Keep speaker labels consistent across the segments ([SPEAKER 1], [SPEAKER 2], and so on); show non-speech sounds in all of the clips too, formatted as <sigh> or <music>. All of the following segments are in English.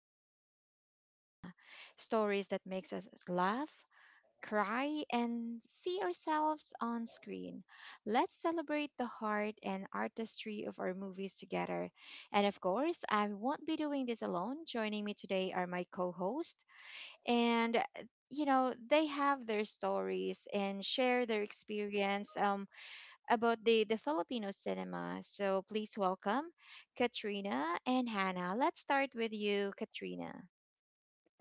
[SPEAKER 1] of Philippine cinema, stories that makes us laugh, cry, and see ourselves on screen. Let's celebrate the heart and artistry of our movies together. And of course, I won't be doing this alone. Joining me today are my co-host and you know they have their stories and share their experience about the Filipino cinema. So please welcome Katrina and Hannah. Let's start with you, Katrina.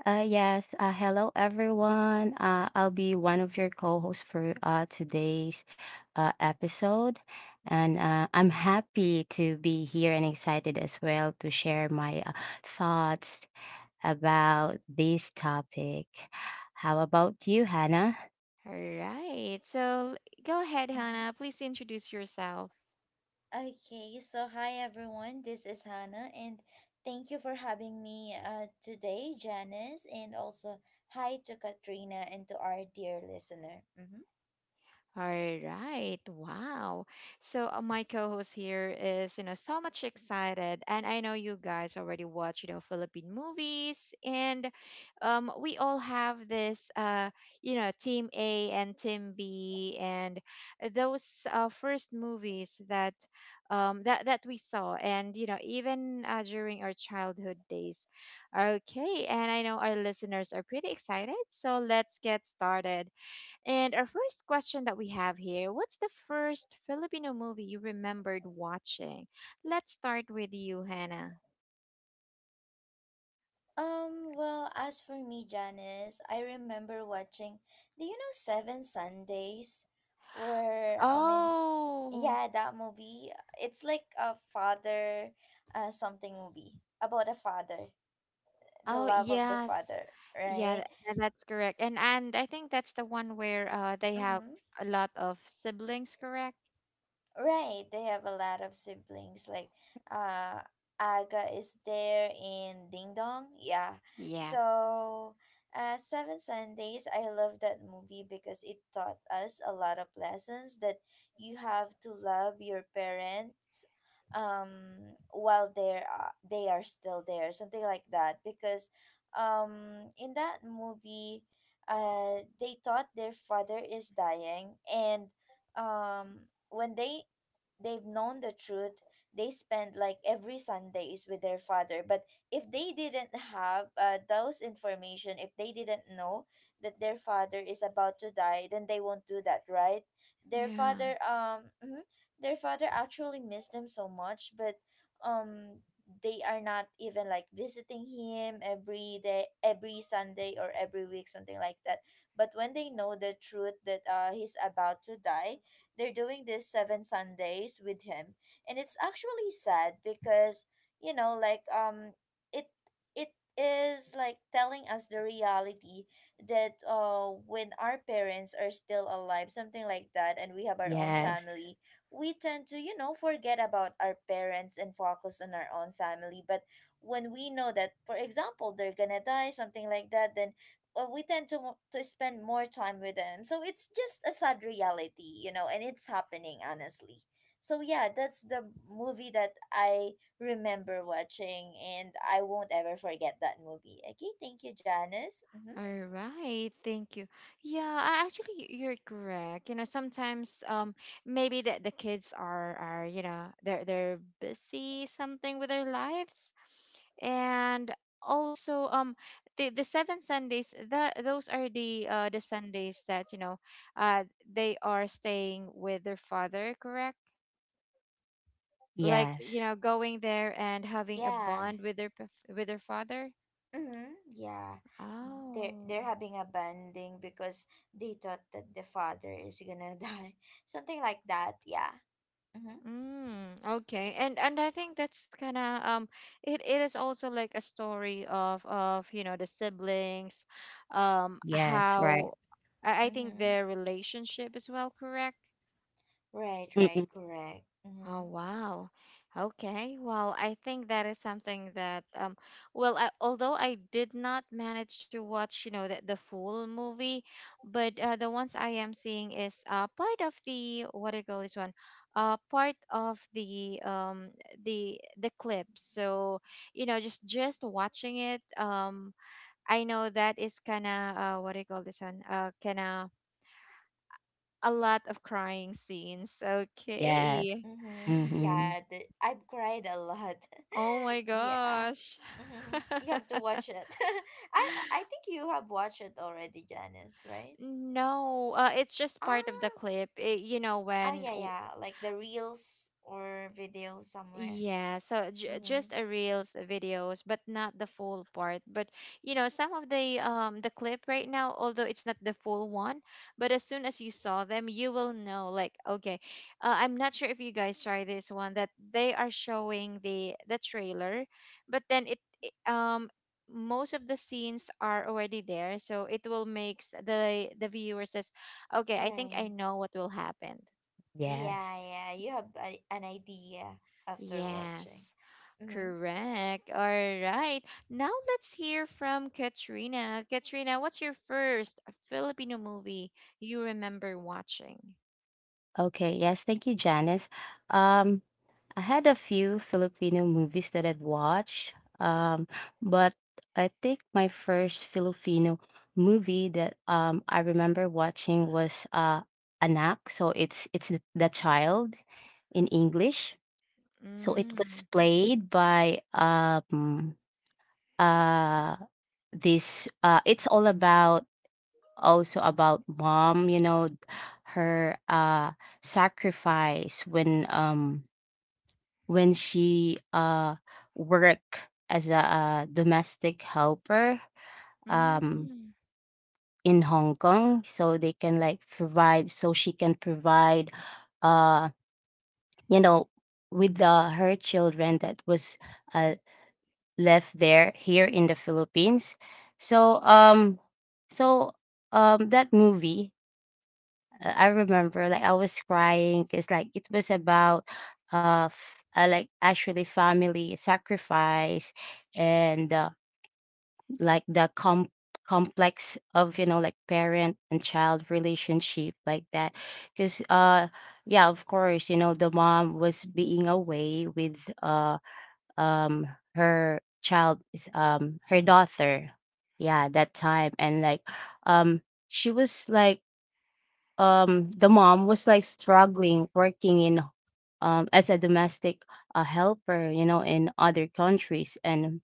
[SPEAKER 2] Yes, hello everyone. I'll be one of your co-hosts for today's episode. And I'm happy to be here and excited as well to share my thoughts about this topic. How about you, Hannah?
[SPEAKER 1] All right. So go ahead,
[SPEAKER 3] Mhm.
[SPEAKER 1] Hannah. Please introduce yourself.
[SPEAKER 3] Okay, so hi everyone, this is Hannah, and thank you for having me today, Janice, and also hi to Katrina and to our dear listener.
[SPEAKER 1] All right. Wow. So my co-host here is, you know, so much excited, and I know you guys already watch, you know, Philippine movies, and we all have this, you know, Team A and Team B, and those first movies that we saw, and you know, even during our childhood days. Okay, and I know our listeners are pretty excited, so let's get started. And our first question that we have here, what's the first Filipino movie you remembered watching? Let's start with you, Hannah.
[SPEAKER 3] As for me, Janice, I remember watching, do you know Seven Sundays? Where, I mean,
[SPEAKER 1] Oh,
[SPEAKER 3] yeah, that movie, it's like a father something movie about a father, the
[SPEAKER 1] oh,
[SPEAKER 3] love of the
[SPEAKER 1] yes.
[SPEAKER 3] father,
[SPEAKER 1] Yeah,
[SPEAKER 3] right?
[SPEAKER 1] that's correct. And I think that's the one where they have
[SPEAKER 3] Mm-hmm.
[SPEAKER 1] a lot of siblings, correct?
[SPEAKER 3] Right, they have a lot of siblings. Uh, Aga is there in Ding Dong. Yeah.
[SPEAKER 1] Yeah.
[SPEAKER 3] So, Seven Sundays, I love that movie because it taught us a lot of lessons that you have to love your parents while they are still there, something like that, because in that movie they thought their father is dying, and when they they've known the truth. They spend like every Sunday is with their father, but if they didn't have those information, if they didn't know that their father is about to die, then they won't do that, right? Their
[SPEAKER 1] Yeah.
[SPEAKER 3] father mhm, their father actually missed them so much, but um they are not even like visiting him every day, every Sunday or every week, something like that. But when they know the truth that he's about to die, they're doing this seven Sundays with him. And it's actually sad because, like it it is like telling us the reality that when our parents are still alive, something like that, and we have our own
[SPEAKER 2] Yes,
[SPEAKER 3] family, we tend to, you know, forget about our parents and focus on our own family. But when we know that, for example, they're gonna die, something like that, then we tend to spend more time with them. So it's just a sad reality, you know, and it's happening honestly. So yeah, that's the movie that I remember watching, and I won't ever forget that movie. Okay, thank you, Janice. Mm-hmm.
[SPEAKER 1] All right, thank you. Yeah, actually, you're correct. You know, sometimes maybe the kids are you know they're busy something with their lives, and also the seven Sundays that those are the Sundays that you know uh they are staying with their father, correct? Like you
[SPEAKER 2] yes,
[SPEAKER 1] know going there and having a
[SPEAKER 3] Yeah.
[SPEAKER 1] bond with with their father.
[SPEAKER 3] Mm-hmm. Yeah. They're
[SPEAKER 1] Oh.
[SPEAKER 3] they're having a banding because they thought that the father is gonna <laughs> die. Something like that, yeah. Mm-hmm.
[SPEAKER 1] Okay. And I think that's kind of it is also like a story of you know the siblings,
[SPEAKER 2] yes,
[SPEAKER 1] how
[SPEAKER 2] right.
[SPEAKER 1] I think
[SPEAKER 3] Mm-hmm.
[SPEAKER 1] their relationship as well, correct?
[SPEAKER 3] Right, right,
[SPEAKER 2] Mm-mm.
[SPEAKER 3] correct.
[SPEAKER 1] Oh,
[SPEAKER 3] Mm-hmm.
[SPEAKER 1] wow. Okay. Well, I think that is something that, well, although I did not manage to watch, you know, the full movie, but the ones I am seeing is part of the, what do you call this one? Part of the clips. So, you know, just watching it, I know that is kind of what do you call this one? Kind of a lot of crying scenes.
[SPEAKER 2] Yes,
[SPEAKER 1] Okay.
[SPEAKER 3] Mm-hmm.
[SPEAKER 2] mm-hmm.
[SPEAKER 3] Yeah, I've cried a lot.
[SPEAKER 1] Oh my
[SPEAKER 3] <laughs> Yeah.
[SPEAKER 1] gosh.
[SPEAKER 3] Mm-hmm. You have to
[SPEAKER 1] <laughs>
[SPEAKER 3] watch it. <laughs> I think you have watched it already, Janice, right?
[SPEAKER 1] No, it's just part of the
[SPEAKER 3] Ah.
[SPEAKER 1] clip. It, you know
[SPEAKER 3] Oh
[SPEAKER 1] when
[SPEAKER 3] yeah,
[SPEAKER 1] w-
[SPEAKER 3] yeah. Like the reels or video somewhere.
[SPEAKER 1] Yeah, so j just
[SPEAKER 3] Mm-hmm.
[SPEAKER 1] a reels videos, but not the full part. But you know, some of the clip right now, although it's not the full one, but as soon as you saw them, you will know like okay, I'm not sure if you guys try this one that they are showing the trailer, but then most of the scenes are already there, so it will makes the viewer says, okay, I think I
[SPEAKER 3] Right.
[SPEAKER 1] know what will happen.
[SPEAKER 3] Yeah,
[SPEAKER 2] Yes.
[SPEAKER 3] yeah. You have a, an idea after watching.
[SPEAKER 1] Yes.
[SPEAKER 3] Mm-hmm.
[SPEAKER 1] Correct. All right. Now let's hear from Katrina. Katrina, what's your first Filipino movie you remember watching?
[SPEAKER 2] Okay, yes, thank you, Janice. Um, I had a few Filipino movies that I'd watched, um, but I think my first Filipino movie that I remember watching was Anak. So it's the child in English. So it was
[SPEAKER 1] Mm,
[SPEAKER 2] played by uh, this. It's all about also about mom. You know, her sacrifice when she worked as a, domestic helper um
[SPEAKER 1] mm,
[SPEAKER 2] in Hong Kong so they can like provide, so she can provide uh you know with her children that was uh, left there here in the Philippines. so um so that movie, I remember like I was crying because like it was about like actually family sacrifice and like the complex of you know like parent and child relationship like that. Because Yeah, of course, you know, the mom was being away with, uh um her child is, her daughter, yeah, that time. And like, um she was like, the mom was like struggling working in as a domestic helper, you know, in other countries. And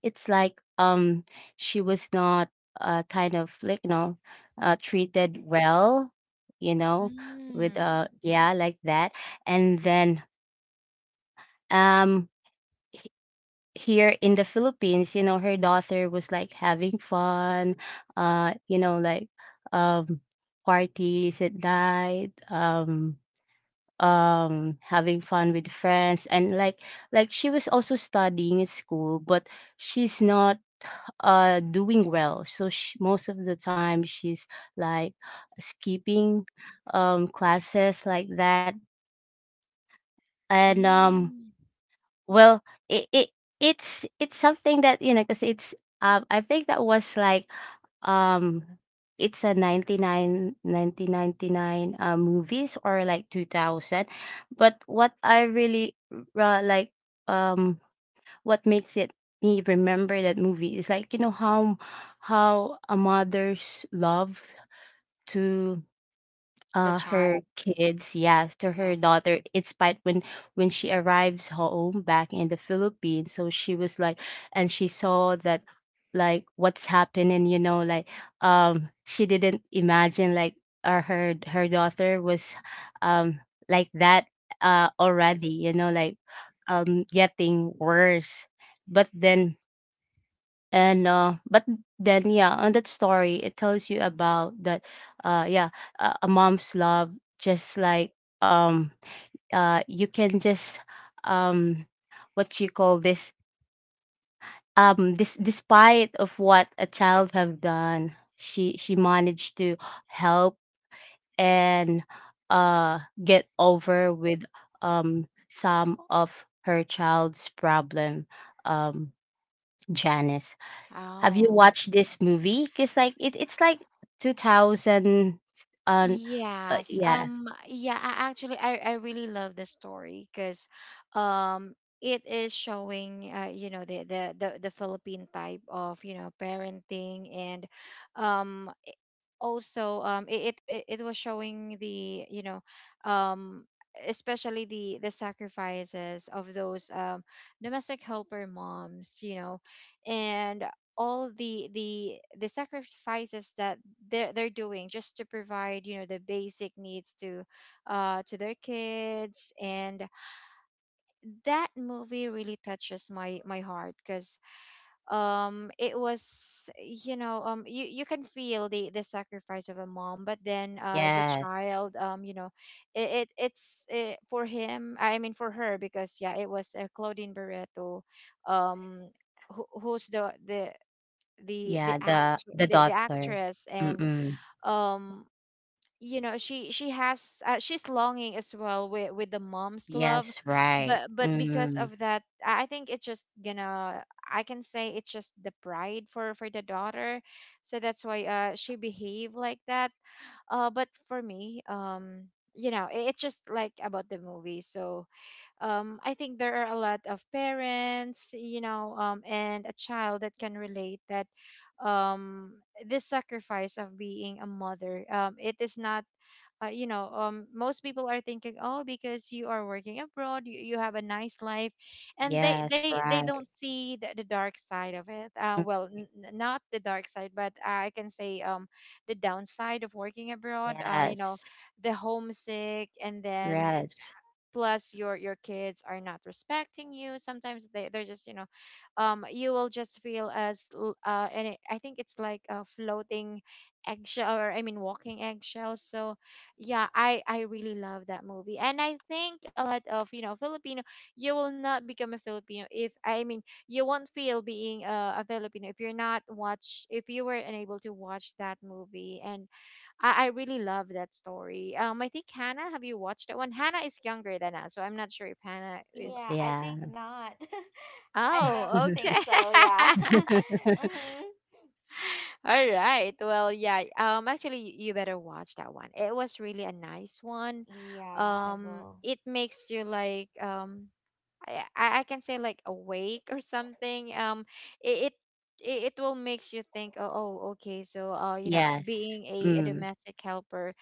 [SPEAKER 2] it's like, she was not kind of like, you know, treated well, you know, with
[SPEAKER 1] mm,
[SPEAKER 2] yeah, like that. And then um h- here in the Philippines, you know, her daughter was like having fun, uh, you know, like um parties at night, having fun with friends, and like she was also studying at school, but she's not doing well, so she, most of the time she's like skipping classes like that. And
[SPEAKER 1] mm.
[SPEAKER 2] Well, it it's something that you know, because it's, I think that was like, um it's a 99 1999 movies or like 2000. But what I really like, um what makes it me remember that movie is like, you know, how a mother's love to
[SPEAKER 1] The
[SPEAKER 2] her
[SPEAKER 1] Child.
[SPEAKER 2] kids, yes, to her
[SPEAKER 1] Yes.
[SPEAKER 2] daughter. It's spite when she arrives home back in the Philippines. So she was like, and she saw that like what's happening, you know, like, she didn't imagine like her daughter was, um like that already, you know, like, getting worse. But but then, yeah, on that story, it tells you about that, yeah, a mom's love, just like, um, you can just, um, what you call this, despite of what a child have done, she managed to help and, uh, get over with some of her child's problem, um, Janice. Have you
[SPEAKER 1] Oh.
[SPEAKER 2] watched this movie? Cause like it it's like 2000. um
[SPEAKER 1] Yes.
[SPEAKER 2] yeah.
[SPEAKER 1] Yeah. I actually, I really love the story because, um, it is showing, you know, the Philippine type of you know parenting, and um, also it was showing the you know um especially the sacrifices of those domestic helper moms, you know, and all the sacrifices that they're doing just to provide, you know, the basic needs to their kids, and that movie really touches my heart because it was, you know, you can feel the sacrifice of a mom, but then the
[SPEAKER 2] Yes.
[SPEAKER 1] child, you know, it's for him, I mean for her, because yeah it was Claudine Barreto, um who's the
[SPEAKER 2] Yeah,
[SPEAKER 1] actor,
[SPEAKER 2] the
[SPEAKER 1] the
[SPEAKER 2] daughter.
[SPEAKER 1] actress, and
[SPEAKER 2] Mm-mm.
[SPEAKER 1] um you know, she has she's longing as well with the mom's love,
[SPEAKER 2] Yes, right.
[SPEAKER 1] but because
[SPEAKER 2] Mm.
[SPEAKER 1] of that, I think it's just gonna I can say it's just the pride for the daughter, so that's why she behave like that. But for me, you know, it's just like about the movie. So I think there are a lot of parents, you know, and a child that can relate that, um this sacrifice of being a mother, it is not, you know, most people are thinking, oh, because you are working abroad, you have a nice life, and they
[SPEAKER 2] Yes,
[SPEAKER 1] they they don't
[SPEAKER 2] right.
[SPEAKER 1] see the dark side of it.
[SPEAKER 2] Mm.
[SPEAKER 1] Well, not the dark side, but I can say the downside of working abroad. You know,
[SPEAKER 2] Yes.
[SPEAKER 1] the homesick, and then
[SPEAKER 2] Yes.
[SPEAKER 1] plus your kids are not respecting you sometimes. They're just, you know, you will just feel and I think it's like a floating eggshell, or I mean walking eggshell. So yeah, I really love that movie, and I think a lot of, you know, Filipino, you will not become a Filipino if I mean you won't feel being a Filipino if you're not watch, if you were unable to watch that movie. And I really love that story. I think Hannah, have you watched that one? Hannah is younger than us, so I'm not sure if Hannah is.
[SPEAKER 3] Yeah, I think
[SPEAKER 2] Yeah.
[SPEAKER 3] not. <laughs> I don't
[SPEAKER 1] Oh, okay.
[SPEAKER 3] think so. Yeah.
[SPEAKER 1] <laughs>
[SPEAKER 3] <laughs>
[SPEAKER 2] <laughs>
[SPEAKER 3] Mm-hmm.
[SPEAKER 1] All right. Well, yeah. Actually, you better watch that one. It was really a nice one.
[SPEAKER 3] Yeah, I
[SPEAKER 1] Um,
[SPEAKER 3] will.
[SPEAKER 1] it makes you like I can say like awake or something. It it it will makes you think. Oh, oh, okay. So, you know,
[SPEAKER 2] Yes.
[SPEAKER 1] being a
[SPEAKER 2] Mm.
[SPEAKER 1] domestic helper,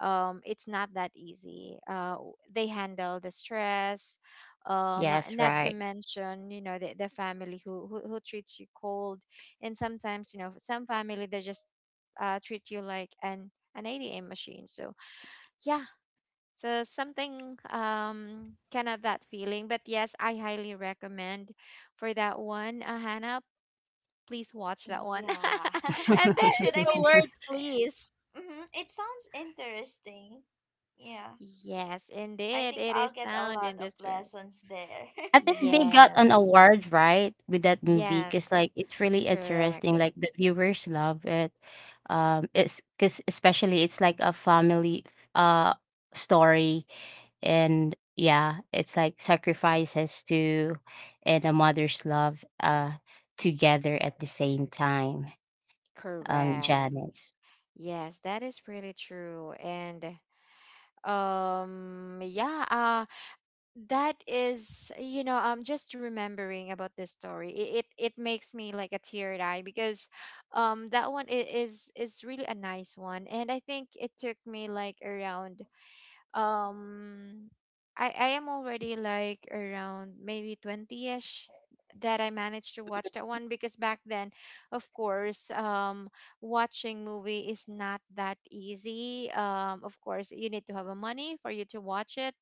[SPEAKER 1] it's not that easy. They handle the stress. Um,
[SPEAKER 2] Yes,
[SPEAKER 1] not to
[SPEAKER 2] right.
[SPEAKER 1] mention, you know, the family who treats you cold, and sometimes, you know, some family, they just treat you like an ATM machine. So yeah, so something kind of that feeling. But yes, I highly recommend for that one. Hannah, please watch that one.
[SPEAKER 3] Yeah,
[SPEAKER 1] <laughs> And
[SPEAKER 3] <laughs> I
[SPEAKER 1] there
[SPEAKER 3] should.
[SPEAKER 1] is
[SPEAKER 3] I
[SPEAKER 1] a
[SPEAKER 3] mean,
[SPEAKER 1] word please.
[SPEAKER 3] mm, it sounds interesting. Yeah,
[SPEAKER 1] Yes,
[SPEAKER 3] I
[SPEAKER 1] indeed.
[SPEAKER 3] think
[SPEAKER 1] It
[SPEAKER 3] I'll
[SPEAKER 1] is
[SPEAKER 3] get a
[SPEAKER 1] sound
[SPEAKER 3] lot
[SPEAKER 1] and
[SPEAKER 3] of
[SPEAKER 1] different.
[SPEAKER 3] lessons there.
[SPEAKER 2] I think they
[SPEAKER 3] <laughs>
[SPEAKER 2] got
[SPEAKER 1] Yes.
[SPEAKER 2] an award, right, with that movie,
[SPEAKER 1] Yes.
[SPEAKER 2] cause like, it's really
[SPEAKER 1] Correct.
[SPEAKER 2] interesting, like, the viewers love it. It's cause especially it's like a family, uh, story, and yeah, it's like sacrifices to and a mother's love, together at the same time,
[SPEAKER 1] Correct.
[SPEAKER 2] Janice.
[SPEAKER 1] Yes, that is pretty true. And yeah, that is, you know, I'm just remembering about this story. It makes me like a teary eye because that one is really a nice one. And I think it took me like around um I am already like around maybe 20ish that I managed to watch that one, because back then, of course, watching movie is not that easy. Of course, you need to have a money for you to watch it.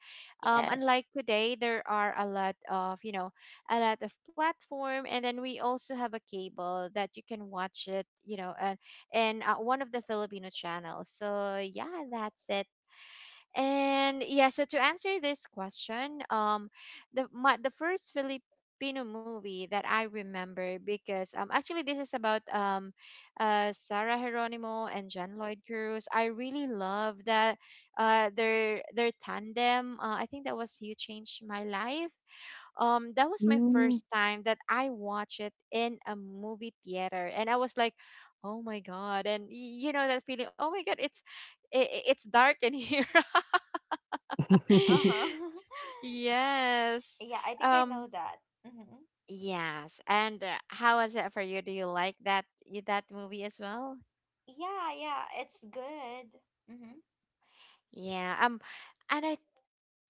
[SPEAKER 2] Yes.
[SPEAKER 1] Unlike today, there are a lot of, you know, a lot of platform, and then we also have a cable that you can watch it, you know, and one of the Filipino channels. So yeah, that's it. And yeah, so to answer this question, the first Filipino movie that I remember, because actually this is about Sarah Geronimo and John Lloyd Cruz. I really love that their tandem. I think that was You Changed My Life. That was my
[SPEAKER 2] Mm.
[SPEAKER 1] first time that I watched it in a movie theater, and I was like, oh my god, and you know that feeling, oh my god, it's it's dark in <laughs> here
[SPEAKER 2] <laughs>
[SPEAKER 1] <laughs>
[SPEAKER 3] Uh-huh. <laughs>
[SPEAKER 1] Yes.
[SPEAKER 3] Yeah, I think I know
[SPEAKER 1] Um
[SPEAKER 3] that. Mm-hmm.
[SPEAKER 1] yes. And how was it for you? Do you like that movie as well?
[SPEAKER 3] Yeah, yeah, it's good. Mm-hmm.
[SPEAKER 1] Yeah. And I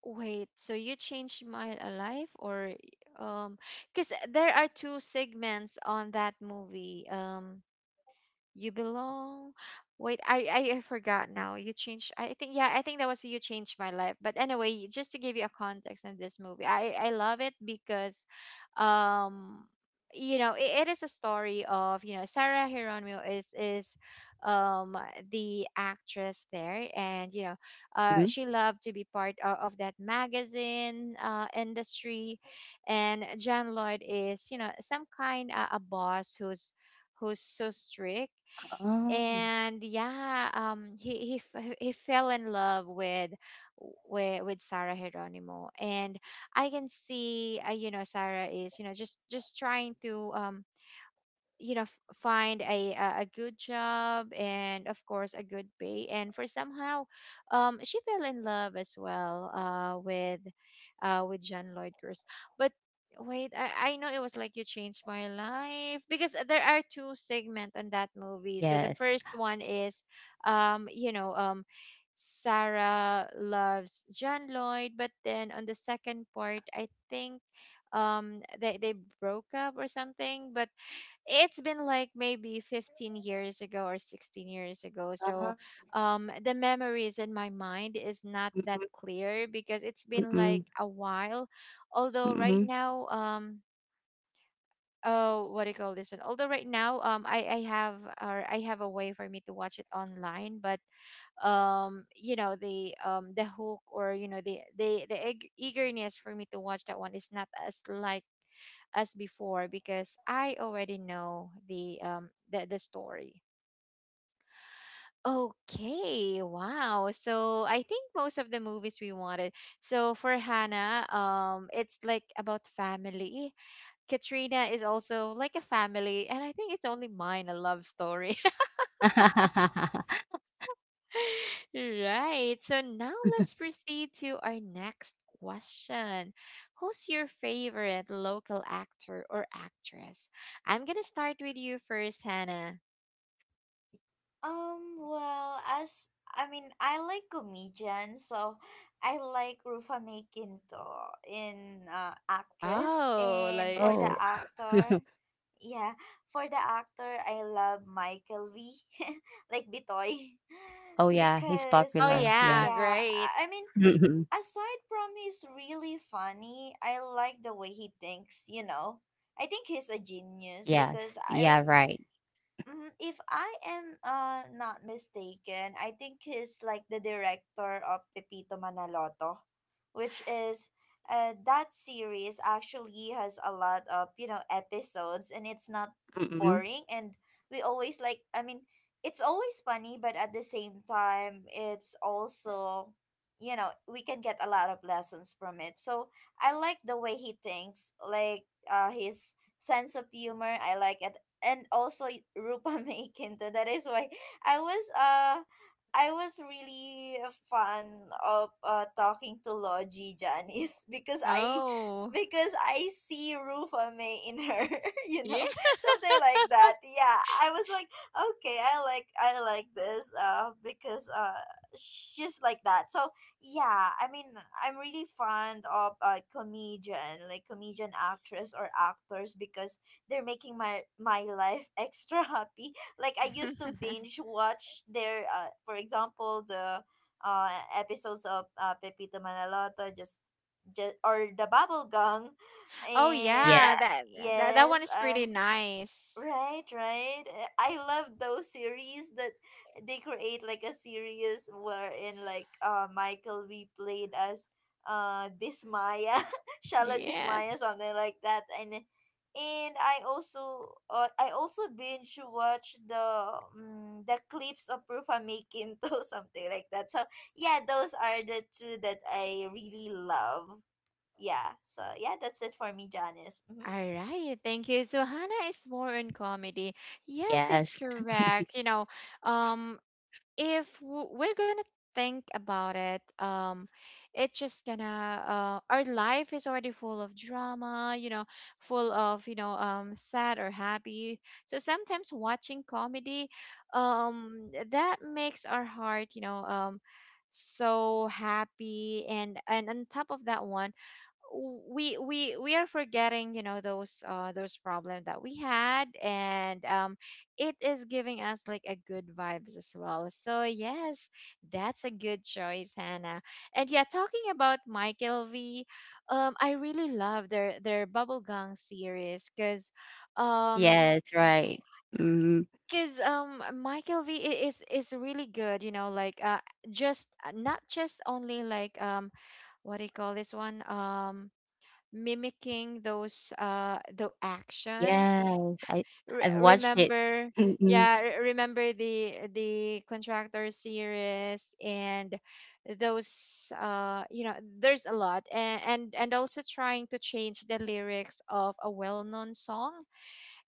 [SPEAKER 1] wait, so you changed my life or um cuz there are two segments on that movie. You belong. Wait, I forgot now. You changed. I think yeah, I think that was you changed my life. But anyway, just to give you a context in this movie, I love it because, um, you know, it is a story of you know Sarah Hieronymo is, um, the actress there, and you know,
[SPEAKER 2] Mm?
[SPEAKER 1] she loved to be part of that magazine industry, and John Lloyd is you know some kind a boss who's so strict.
[SPEAKER 2] Oh,
[SPEAKER 1] And yeah, he fell in love with with Sarah Geronimo. And I can see you know Sarah is you know just trying to you know find a good job and of course a good pay, and for somehow she fell in love as well with John Lloyd Curtis. But wait, I know it was like you changed my life because there are two segments in that movie. So the
[SPEAKER 2] yes.
[SPEAKER 1] first one is you know Sarah loves John Lloyd, but then on the second part I think they broke up or something. But it's been like maybe 15 years ago or 16 years ago. So
[SPEAKER 2] Ah,
[SPEAKER 1] the memories in my mind is not
[SPEAKER 2] mm,
[SPEAKER 1] that
[SPEAKER 2] mm,
[SPEAKER 1] clear because it's been
[SPEAKER 2] mm,
[SPEAKER 1] like a while. Although
[SPEAKER 2] mm.
[SPEAKER 1] right
[SPEAKER 2] Mhm.
[SPEAKER 1] now oh, what do you call this one, although right now I have or I have a way for me to watch it online. But you know the hook or you know the eagerness for me to watch that one is not as like as before, because I already know the story. Okay, wow. So I think most of the movies we wanted. So for Hannah, it's like about family. Katrina is also like a family, and I think it's only mine a love story. <laughs> Right. So now let's
[SPEAKER 2] <laughs>
[SPEAKER 1] proceed to our next question. Who's your favorite local actor or actress? I'm gonna start with you first, Hannah.
[SPEAKER 3] As I mean, I like comedians, so I like Rufa Mae Quinto in actress,
[SPEAKER 1] Oh,
[SPEAKER 3] and
[SPEAKER 1] like
[SPEAKER 3] for the
[SPEAKER 2] Oh.
[SPEAKER 3] actor,
[SPEAKER 2] <laughs>
[SPEAKER 3] yeah, for the actor, I love Michael V, <laughs> like Bitoy,
[SPEAKER 2] Oh,
[SPEAKER 3] <laughs>
[SPEAKER 2] yeah, he's
[SPEAKER 3] because
[SPEAKER 1] oh
[SPEAKER 2] popular, yeah.
[SPEAKER 1] yeah,
[SPEAKER 3] yeah,
[SPEAKER 1] great.
[SPEAKER 3] I mean,
[SPEAKER 2] Mhm.
[SPEAKER 3] aside from he's really funny, I like the way he thinks. You know, I think he's a genius because
[SPEAKER 2] Yes.
[SPEAKER 3] I
[SPEAKER 2] Yeah, right.
[SPEAKER 3] Mhm. If I am not mistaken, I think he's like the director of Pepito Manaloto, which is that series actually has a lot of, you know, episodes, and it's not
[SPEAKER 2] Mhm.
[SPEAKER 3] boring, and we always like I mean, it's always funny, but at the same time it's also, you know, we can get a lot of lessons from it. So I like the way he thinks, like his sense of humor. I like it, and also Rupa <laughs> Maekinto. That is why I was uh I was really fun of talking to Logie Janice <laughs>
[SPEAKER 1] Oh.
[SPEAKER 3] because I see Rupa May in her, <laughs> you
[SPEAKER 1] Yeah.
[SPEAKER 3] know, something like that. Yeah, I was like, okay, I like this because she's like that. So yeah, I mean, I'm really fond of comedian, like comedian actress or actors, because they're making my my life <laughs> extra happy. Like I used to
[SPEAKER 1] <laughs>
[SPEAKER 3] binge watch their for example, the uh episodes of Pepito Manaloto, just or the Bubblegum,
[SPEAKER 1] Oh
[SPEAKER 2] Yeah,
[SPEAKER 3] and
[SPEAKER 1] yeah, that that one
[SPEAKER 3] yes,
[SPEAKER 1] is pretty nice.
[SPEAKER 3] Right, right. I love those series that they create like a series wherein like Michael we played as Dismaya, <laughs> Shala
[SPEAKER 1] Yeah.
[SPEAKER 3] Dismaya, something like that. And I also binge watch the clips of Rufa Makinto, <laughs> something like that. So yeah, those are the two that I really love. Yeah. So yeah, that's it for me, Janice. Mm-hmm.
[SPEAKER 1] All right, thank you. So Hannah is more in comedy. Yes, it's
[SPEAKER 2] yes.
[SPEAKER 1] correct. You know, um, if we're gonna think about it it's just gonna our life is already full of drama, you know, full of you know sad or happy. So sometimes watching comedy that makes our heart you know so happy. And on top of that one, we are forgetting you know those problems that we had. And it is giving us like a good vibes as well. So yes, that's a good choice, Hannah. And yeah, talking about Michael V, I really love their bubblegum series, um
[SPEAKER 2] Yes, right. Mhm.
[SPEAKER 1] because Michael V is really good, you know, like just not just only like what do you call this one, mimicking those the action
[SPEAKER 2] Yes, I
[SPEAKER 1] re-
[SPEAKER 2] I've watched it.
[SPEAKER 1] remember,
[SPEAKER 2] Mhm.
[SPEAKER 1] yeah, remember the contractor series and those you know there's a lot, and also trying to change the lyrics of a well-known song.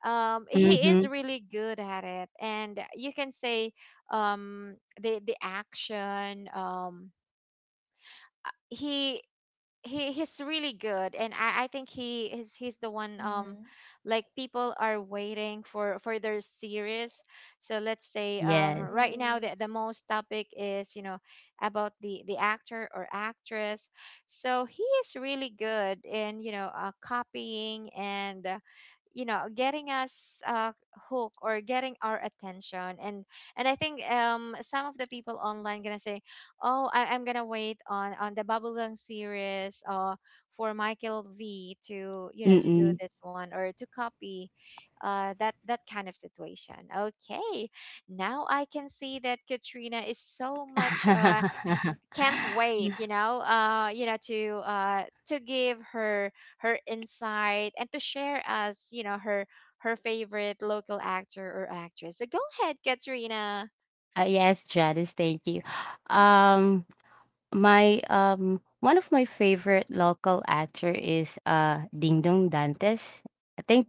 [SPEAKER 1] He is
[SPEAKER 2] Mhm.
[SPEAKER 1] really good at it, and you can say um the action he he's really good. And I think he is he's the one
[SPEAKER 3] Mm-hmm.
[SPEAKER 1] like people are waiting for their series. So let's say
[SPEAKER 2] Yes.
[SPEAKER 1] right now
[SPEAKER 3] Right.
[SPEAKER 1] the most topic is you know about the actor or actress. So he is really good in you know copying and you know getting us hook or getting our attention. And I think some of the people online gonna say, oh, I'm gonna wait on the bubblegum series for Michael V to you know to do
[SPEAKER 2] Mhm.
[SPEAKER 1] this one or to copy that that kind of situation. Okay, now I can see that Katrina is so much
[SPEAKER 2] <laughs>
[SPEAKER 1] can't wait you know to give her her insight and to share us you know her her favorite local actor or actress. So go ahead, Katrina.
[SPEAKER 2] Yes, Janice, thank you. Um, my, one of my favorite local actor is, Dingdong Dantes. I think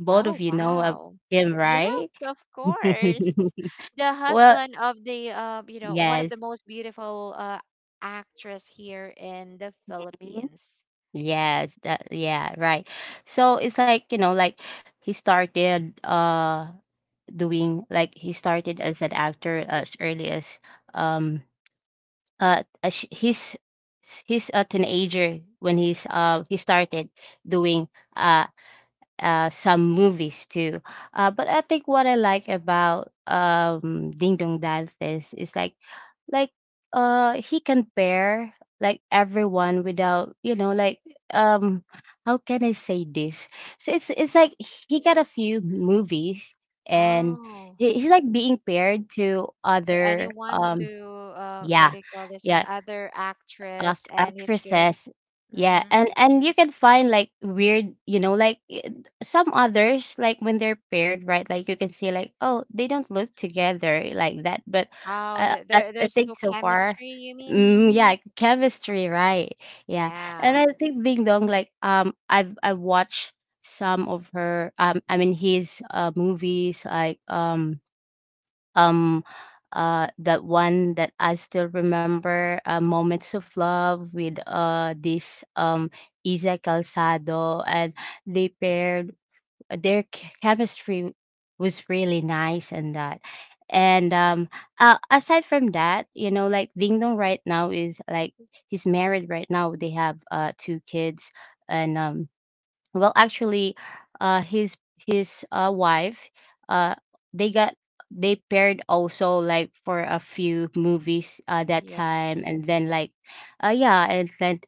[SPEAKER 2] both
[SPEAKER 1] Oh,
[SPEAKER 2] of you know of
[SPEAKER 1] wow.
[SPEAKER 2] him,
[SPEAKER 1] Yes,
[SPEAKER 2] right?
[SPEAKER 1] of course.
[SPEAKER 2] <laughs>
[SPEAKER 1] The
[SPEAKER 2] Well,
[SPEAKER 1] husband of the you know, one of the
[SPEAKER 2] yes.
[SPEAKER 1] most beautiful actress here in the
[SPEAKER 2] Mhm.
[SPEAKER 1] Philippines.
[SPEAKER 2] Yes, that yeah, right. So it's like, you know, like he started doing like he started as an actor as early um as he's a teenager when he's he started doing uh some movies too. But I think what I like about Ding Dong Dantes is like he can bear like everyone without you know like, um how can I say this. So it's like he got a few movies and
[SPEAKER 1] Oh,
[SPEAKER 2] he, he's like being paired to
[SPEAKER 1] to
[SPEAKER 2] other
[SPEAKER 1] anyone to
[SPEAKER 2] yeah,
[SPEAKER 1] what do you call this one?
[SPEAKER 2] yeah
[SPEAKER 1] Other actress,
[SPEAKER 2] act-
[SPEAKER 1] and he's good.
[SPEAKER 2] actresses. Yeah,
[SPEAKER 1] Mm-hmm.
[SPEAKER 2] and you can find like weird, you know, like some others like when they're paired, right? Like you can see like, oh, they don't look together like that, but
[SPEAKER 1] Oh, there
[SPEAKER 2] I
[SPEAKER 1] there's no
[SPEAKER 2] think so far.
[SPEAKER 1] chemistry, you mean?
[SPEAKER 2] Mm, yeah, chemistry, right? Yeah,
[SPEAKER 1] Yeah.
[SPEAKER 2] and I think Ding Dong, like, I've I watched some of her I mean his movies like um that one that I still remember, Moments of Love with this Isa Calzado. And they paired their chemistry was really nice. And that and aside from that, you know, like Ding Dong right now is like he's married right now, they have two kids. And well, actually, his wife, uh, they got they paired also like for a few movies that
[SPEAKER 1] Yeah.
[SPEAKER 2] time, and then like, yeah, and then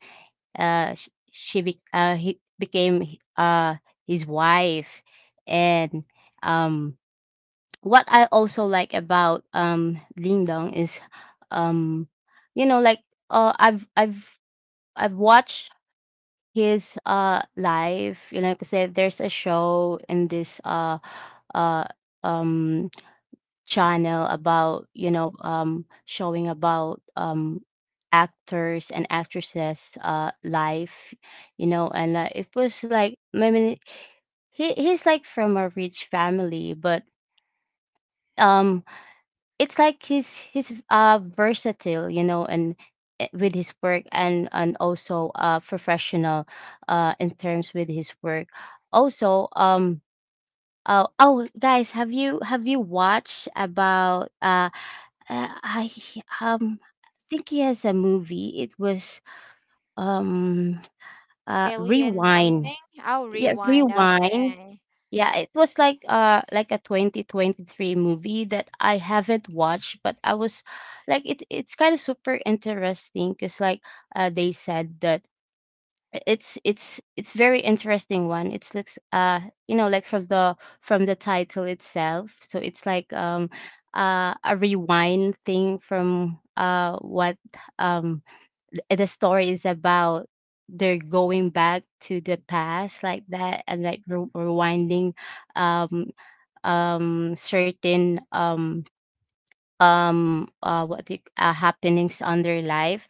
[SPEAKER 2] he became his wife. And um what I also like about Ding Dong is, um you know like, uh I've I've I've watched his life, you know, like I said, there's a show in this uh um channel about, you know, showing about actors and actresses life, you know. And it was like, I mean, he he's like from a rich family, but um it's like he's versatile, you know, and, with his work, and also professional in terms with his work. Also, oh, oh, guys, have you watched about I think he has a movie. It was um <tsk>
[SPEAKER 1] Alien
[SPEAKER 2] Rewind.
[SPEAKER 1] something? Oh,
[SPEAKER 2] Yeah,
[SPEAKER 1] rewind.
[SPEAKER 2] Rewind.
[SPEAKER 1] Okay.
[SPEAKER 2] Yeah, it was like a 2023 movie that I haven't watched, but I was like it it's kind of super interesting because like they said that it's very interesting one. It's like you know like from the title itself, so it's like, a rewind thing from what, um the story is about they're going back to the past like that, and like rewinding um certain what do you, happenings on their life.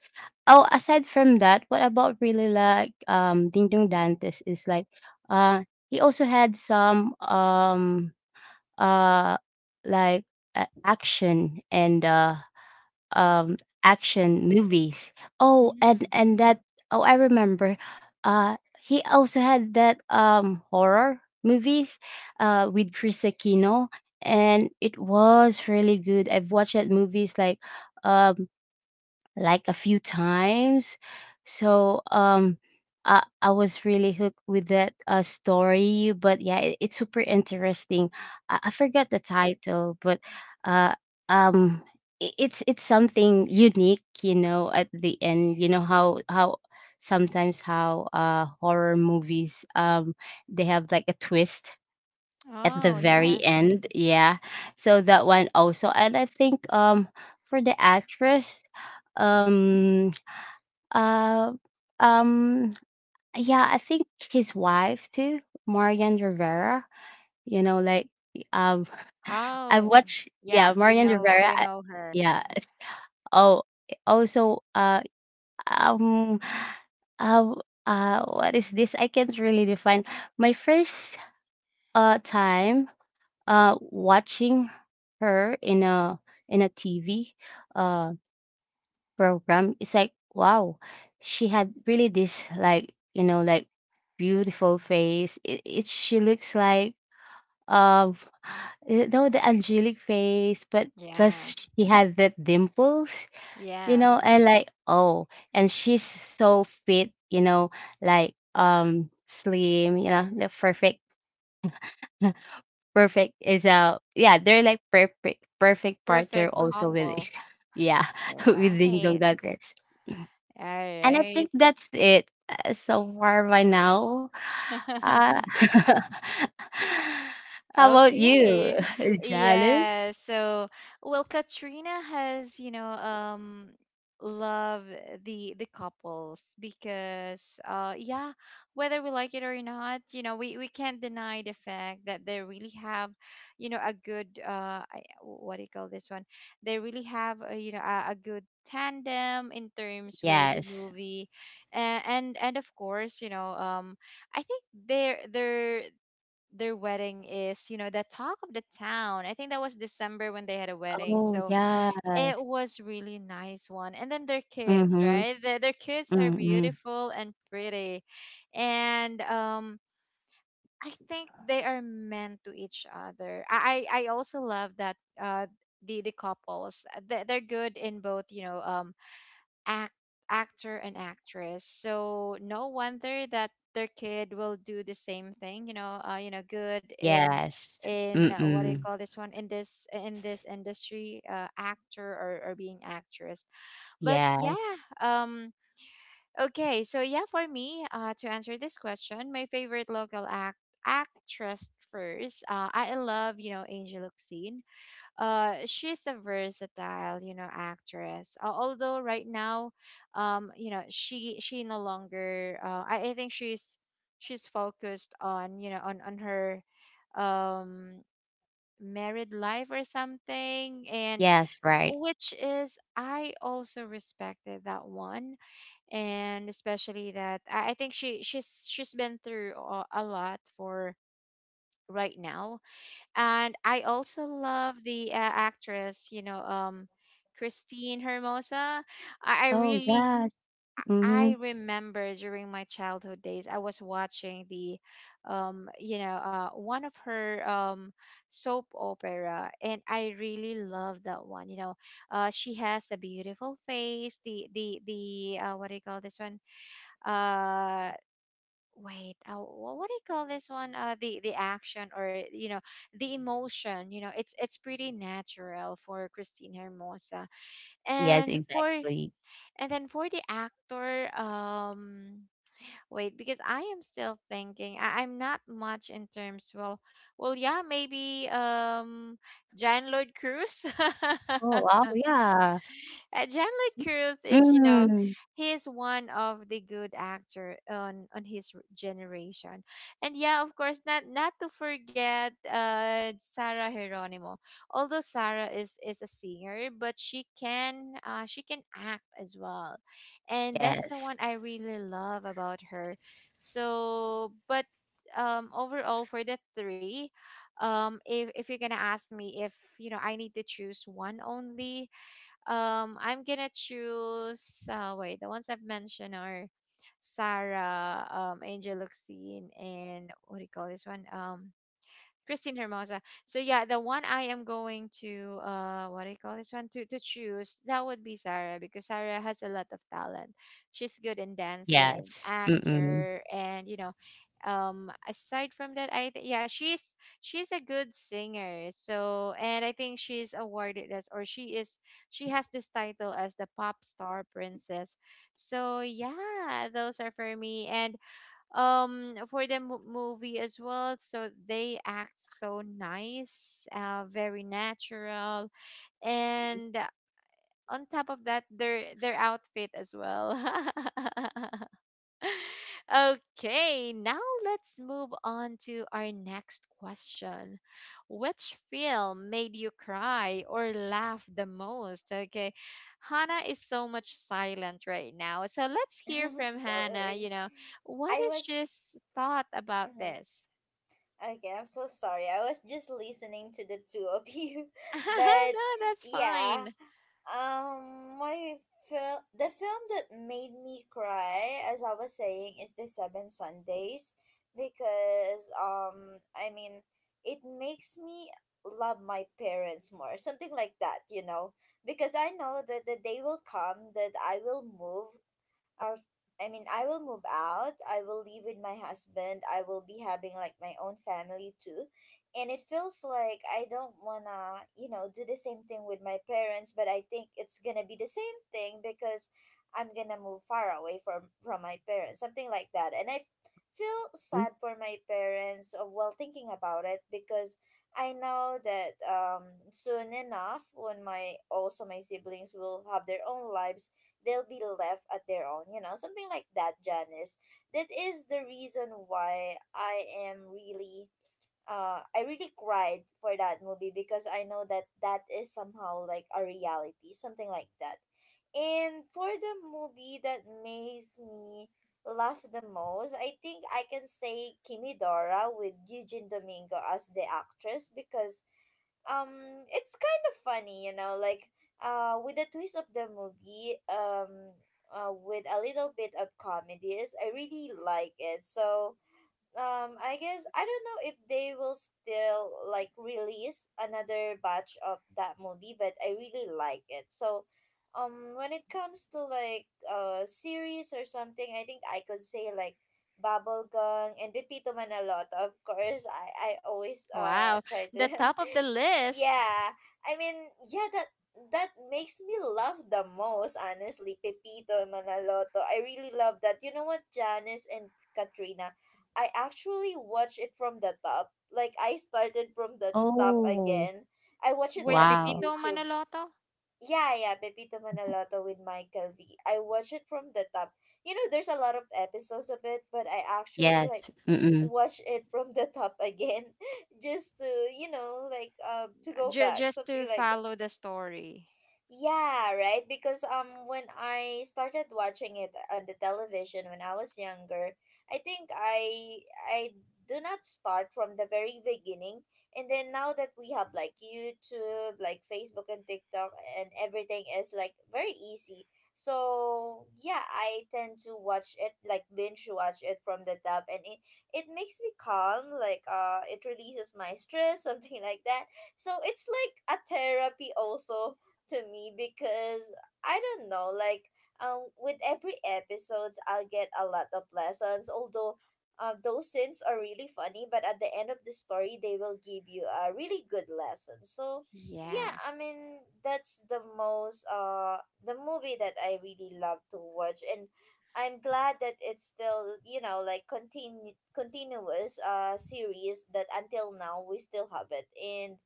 [SPEAKER 2] Oh, aside from that, what about really like Ding Dong Dantes is like uh he also had some uh like action and um action movies. Oh,
[SPEAKER 1] Mm.
[SPEAKER 2] and that, oh, I remember. He also had that horror movies with Chris Aquino, and it was really good. I've watched that movies like, um like a few times. So, I was really hooked with that story, but yeah, it's super interesting. I forgot the title, but uh um it's something unique, you know. At the end, you know how sometimes how horror movies, they have like a twist at
[SPEAKER 1] Oh,
[SPEAKER 2] the
[SPEAKER 1] yeah.
[SPEAKER 2] very end. Yeah. So that one also. And I think for the actress, um uh um yeah, I think his wife too, Marian Rivera. You know, like, um
[SPEAKER 1] Oh,
[SPEAKER 2] <laughs> I watched,
[SPEAKER 1] yeah,
[SPEAKER 2] yeah, Marian
[SPEAKER 1] we
[SPEAKER 2] Rivera.
[SPEAKER 1] know her.
[SPEAKER 2] Yeah. It's- Oh, also, um uh, what is this? I can't really define. My first time watching her in a TV uh program, it's like, wow, she had really this like you know like beautiful face. It she looks like, um you know, the angelic face, but
[SPEAKER 1] Yeah.
[SPEAKER 2] plus she had that dimples, you know,
[SPEAKER 1] Yes.
[SPEAKER 2] and like, oh, and she's so fit, you know, like, slim, you know, the perfect. <laughs> Perfect is a, yeah, they're like perfect perfect partner
[SPEAKER 1] Perfect
[SPEAKER 2] also with
[SPEAKER 1] couples.
[SPEAKER 2] <laughs> yeah, <laughs> with Ding Dong
[SPEAKER 1] Right.
[SPEAKER 2] Dantes.
[SPEAKER 1] All
[SPEAKER 2] And I
[SPEAKER 1] right.
[SPEAKER 2] think that's it so far by now. Uh,
[SPEAKER 1] <laughs>
[SPEAKER 2] <laughs> how about you,
[SPEAKER 1] Okay.
[SPEAKER 2] <laughs> Jalen?
[SPEAKER 1] Yeah. So, well, Katrina has, you know, love the couples because yeah, whether we like it or not, you know, we can't deny the fact that they really have, you know, a good what do you call this one? They really have, a, you know, a good tandem in terms with the
[SPEAKER 2] Yes.
[SPEAKER 1] movie. And of course, you know, I think their wedding is, you know, the talk of the town. I think that was December when they had a wedding.
[SPEAKER 2] Oh,
[SPEAKER 1] So it
[SPEAKER 2] yes.
[SPEAKER 1] was really nice one. And then their kids,
[SPEAKER 2] Mm-hmm.
[SPEAKER 1] right? Their kids are
[SPEAKER 2] Mm-hmm.
[SPEAKER 1] beautiful and pretty. And I think they are meant to each other. I also love that the couples. They're good in both, you know, act actor and actress. So no wonder that their kid will do the same thing. You know, good
[SPEAKER 2] Yes.
[SPEAKER 1] in what do you
[SPEAKER 2] Mm-mm.
[SPEAKER 1] call this one in this industry, actor or being actress. But yeah,
[SPEAKER 2] Yes.
[SPEAKER 1] um, okay. So yeah, for me, to answer this question, my favorite local act actress first. I love you know Angel Locsin, she's a versatile, you know, actress. Although right now, you know, she no longer. I think she's focused on you know on her um married life or something. And
[SPEAKER 2] Yes, right.
[SPEAKER 1] which is I also respected that one. And especially that I think she's been through a lot for right now. And I also love the actress, you know, Christine Hermosa. I
[SPEAKER 2] Oh,
[SPEAKER 1] really,
[SPEAKER 2] yes.
[SPEAKER 1] I
[SPEAKER 2] Mm-hmm.
[SPEAKER 1] remember during my childhood days, I was watching the, you know, one of her soap opera, and I really love that one. You know, she has a beautiful face. The what do you call this one? Uh, wait what do you call this one the action or you know the emotion you know it's pretty natural for Christine Hermosa.
[SPEAKER 2] Yes,
[SPEAKER 1] And for
[SPEAKER 2] exactly.
[SPEAKER 1] and then for the actor wait because I am still thinking I'm not much in terms well well yeah maybe Jan Lloyd Cruz.
[SPEAKER 2] Oh,
[SPEAKER 1] <laughs>
[SPEAKER 2] wow. Yeah.
[SPEAKER 1] John Cruz is, you know,
[SPEAKER 2] Mm.
[SPEAKER 1] he is one of the good actor on his generation. And yeah, of course, not not to forget Sarah Geronimo. Although Sarah is a singer, but she can act as well. And that's the
[SPEAKER 2] Yes,
[SPEAKER 1] one I really love about her. So, but overall for the three if you're gonna ask me if you know I need to choose one only I'm gonna choose. Wait, the ones I've mentioned are Sarah, Angel Luxine, and what do you call this one? Christine Hermosa. So yeah, the one I am going to what do you call this one to choose that would be Sarah, because Sarah has a lot of talent. She's good in dancing,
[SPEAKER 2] yes, mm.
[SPEAKER 1] actor, and you know, aside from that, yeah she's a good singer. So and I think she's awarded as or she is she has this title as the pop star princess. So yeah, those are for me. And for the movie as well, so they act so nice very natural. And on top of that their outfit as well. <laughs> Okay, now let's move on to our next question. Which film made you cry or laugh the most? Okay, Hannah is so much silent right now. So let's hear
[SPEAKER 3] <laughs>
[SPEAKER 1] from Hannah. You
[SPEAKER 3] Sorry.
[SPEAKER 1] know, what
[SPEAKER 3] I
[SPEAKER 1] is
[SPEAKER 3] was.
[SPEAKER 1] she's thought about
[SPEAKER 3] Hmm
[SPEAKER 1] this?
[SPEAKER 3] Okay, I'm so sorry. I was just listening to the two of you.
[SPEAKER 1] <laughs> no,
[SPEAKER 3] <laughs> But
[SPEAKER 1] that's
[SPEAKER 3] yeah,
[SPEAKER 1] fine.
[SPEAKER 3] my film, the film that made me cry, as I was saying, is The Seven Sundays because I mean, it makes me love my parents more, something like that, you know, because I know that the day will come that I will move our I mean, I will move out. I will live with my husband. I will be having like my own family too. And it feels like I don't want to, you know, do the same thing with my parents, but I think it's going to be the same thing because I'm going to move far away from my parents, something like that. And feel
[SPEAKER 2] Mm.
[SPEAKER 3] sad for my parents while thinking about it, because I know that soon enough, when my also my siblings will have their own lives, they'll be left at their own, you know, something like that, Janice. That is the reason why I really cried for that movie, because I know that that is somehow like a reality, something like that. And for the movie that makes me laugh the most, I think I can say Kimidora, with Eugene Domingo as the actress, because it's kind of funny, you know, like with the twist of the movie, with a little bit of comedies, I really like it. So I guess I don't know if they will still like release another batch of that movie, but I really like it. So when it comes to like series or something, I think I could say like Bubblegum and Pepito Manaloto. Of course, I always
[SPEAKER 1] Wow,
[SPEAKER 3] try to
[SPEAKER 1] the top of
[SPEAKER 3] <laughs>
[SPEAKER 1] the list.
[SPEAKER 3] Yeah, I mean, yeah, that that makes me love the most, honestly. Pepito and Manaloto. I really love that. You know what, Janice and Katrina, I actually watched it from the top. Like I started from the top
[SPEAKER 2] Oh,
[SPEAKER 3] again. I watched it
[SPEAKER 1] Wait,
[SPEAKER 3] at the
[SPEAKER 2] wow.
[SPEAKER 1] Pipito
[SPEAKER 3] YouTube.
[SPEAKER 1] Manoloto?
[SPEAKER 3] Yeah, yeah, Pepito Manaloto with Michael V. I watched it from the top. You know, there's a lot of episodes of it, but I actually
[SPEAKER 2] Yes,
[SPEAKER 3] like
[SPEAKER 2] mm.
[SPEAKER 3] watch it from the top again <laughs> just to, you know, like to go back,
[SPEAKER 1] Just
[SPEAKER 3] something
[SPEAKER 1] to
[SPEAKER 3] like
[SPEAKER 1] follow the story.
[SPEAKER 3] yeah, right. Because when I started watching it on the television when I was younger, I think I do not start from the very beginning. And then now that we have like YouTube, like Facebook and TikTok, and everything is like very easy. So yeah, I tend to watch it like binge watch it from the top, and it makes me calm. Like it releases my stress, <laughs> something like that. So it's like a therapy also to me because I don't know, like with every episodes I'll get a lot of lessons. Although those scenes are really funny, but at the end of the story they will give you a really good lesson. So yeah, I
[SPEAKER 1] Yes,
[SPEAKER 3] mean, that's the most the movie that I really love to watch, and I'm glad that it's still, you know, like continuous series that until now we still have it. And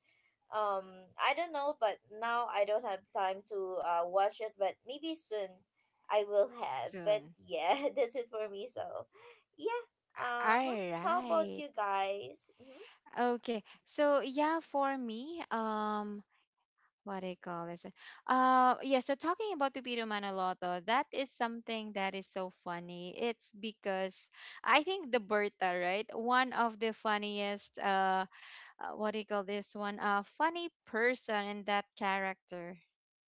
[SPEAKER 3] um I don't know, but now I don't have time to watch it, but maybe soon I will have. But
[SPEAKER 1] soon.
[SPEAKER 3] yeah, <laughs> that's it for me. So yeah.
[SPEAKER 1] All
[SPEAKER 3] Uh-huh. So how about
[SPEAKER 1] right.
[SPEAKER 3] you guys? Mm-hmm.
[SPEAKER 1] Okay. So yeah, for me, what do you call this? Yeah. So talking about Pipito Manoloto, that is something that is so funny. It's because I think the Berta, right? One of the funniest. What do you call this one? Funny person in that character.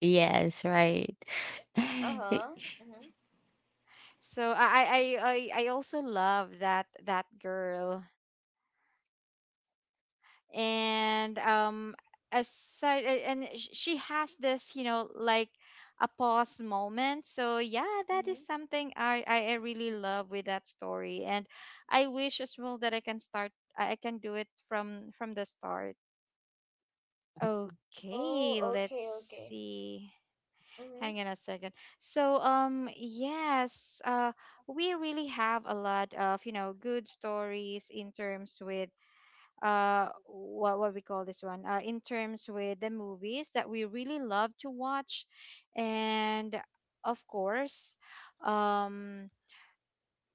[SPEAKER 2] Yes, right. <sighs> <laughs>
[SPEAKER 3] Uh-huh. Mm-hmm.
[SPEAKER 1] So I also love that that girl. And aside and she has this you know like a pause moment. So yeah, that is
[SPEAKER 3] Mm-hmm.
[SPEAKER 1] something I really love with that story. And I wish as well that I can start I can do it from the start.
[SPEAKER 3] Oh,
[SPEAKER 1] Okay, let's
[SPEAKER 3] okay, okay.
[SPEAKER 1] see,
[SPEAKER 3] Mm-hmm.
[SPEAKER 1] hang on a second. So yes we really have a lot of you know good stories in terms with what we call this one in terms with the movies that we really love to watch. And of course um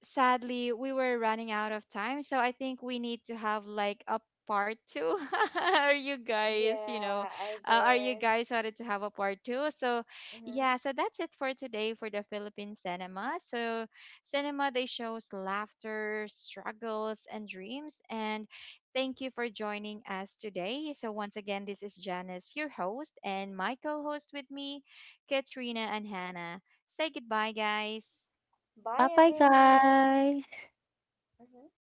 [SPEAKER 1] sadly we were running out of time, so I think we need to have like a part two. <laughs> Are you guys you know
[SPEAKER 3] Yeah, I
[SPEAKER 1] are you
[SPEAKER 3] guess.
[SPEAKER 1] guys wanted to have a part two? So
[SPEAKER 3] Mm-hmm.
[SPEAKER 1] yeah, so that's it for today for the Philippine cinema. So cinema, they shows laughter, struggles, and dreams. And thank you for joining us today. So once again, this is Janice, your host, and my co-host with me, Katrina and Hannah. Say goodbye, guys.
[SPEAKER 3] Bye,
[SPEAKER 2] Bye-bye,
[SPEAKER 3] everyone.
[SPEAKER 2] guys.
[SPEAKER 3] Mm-hmm.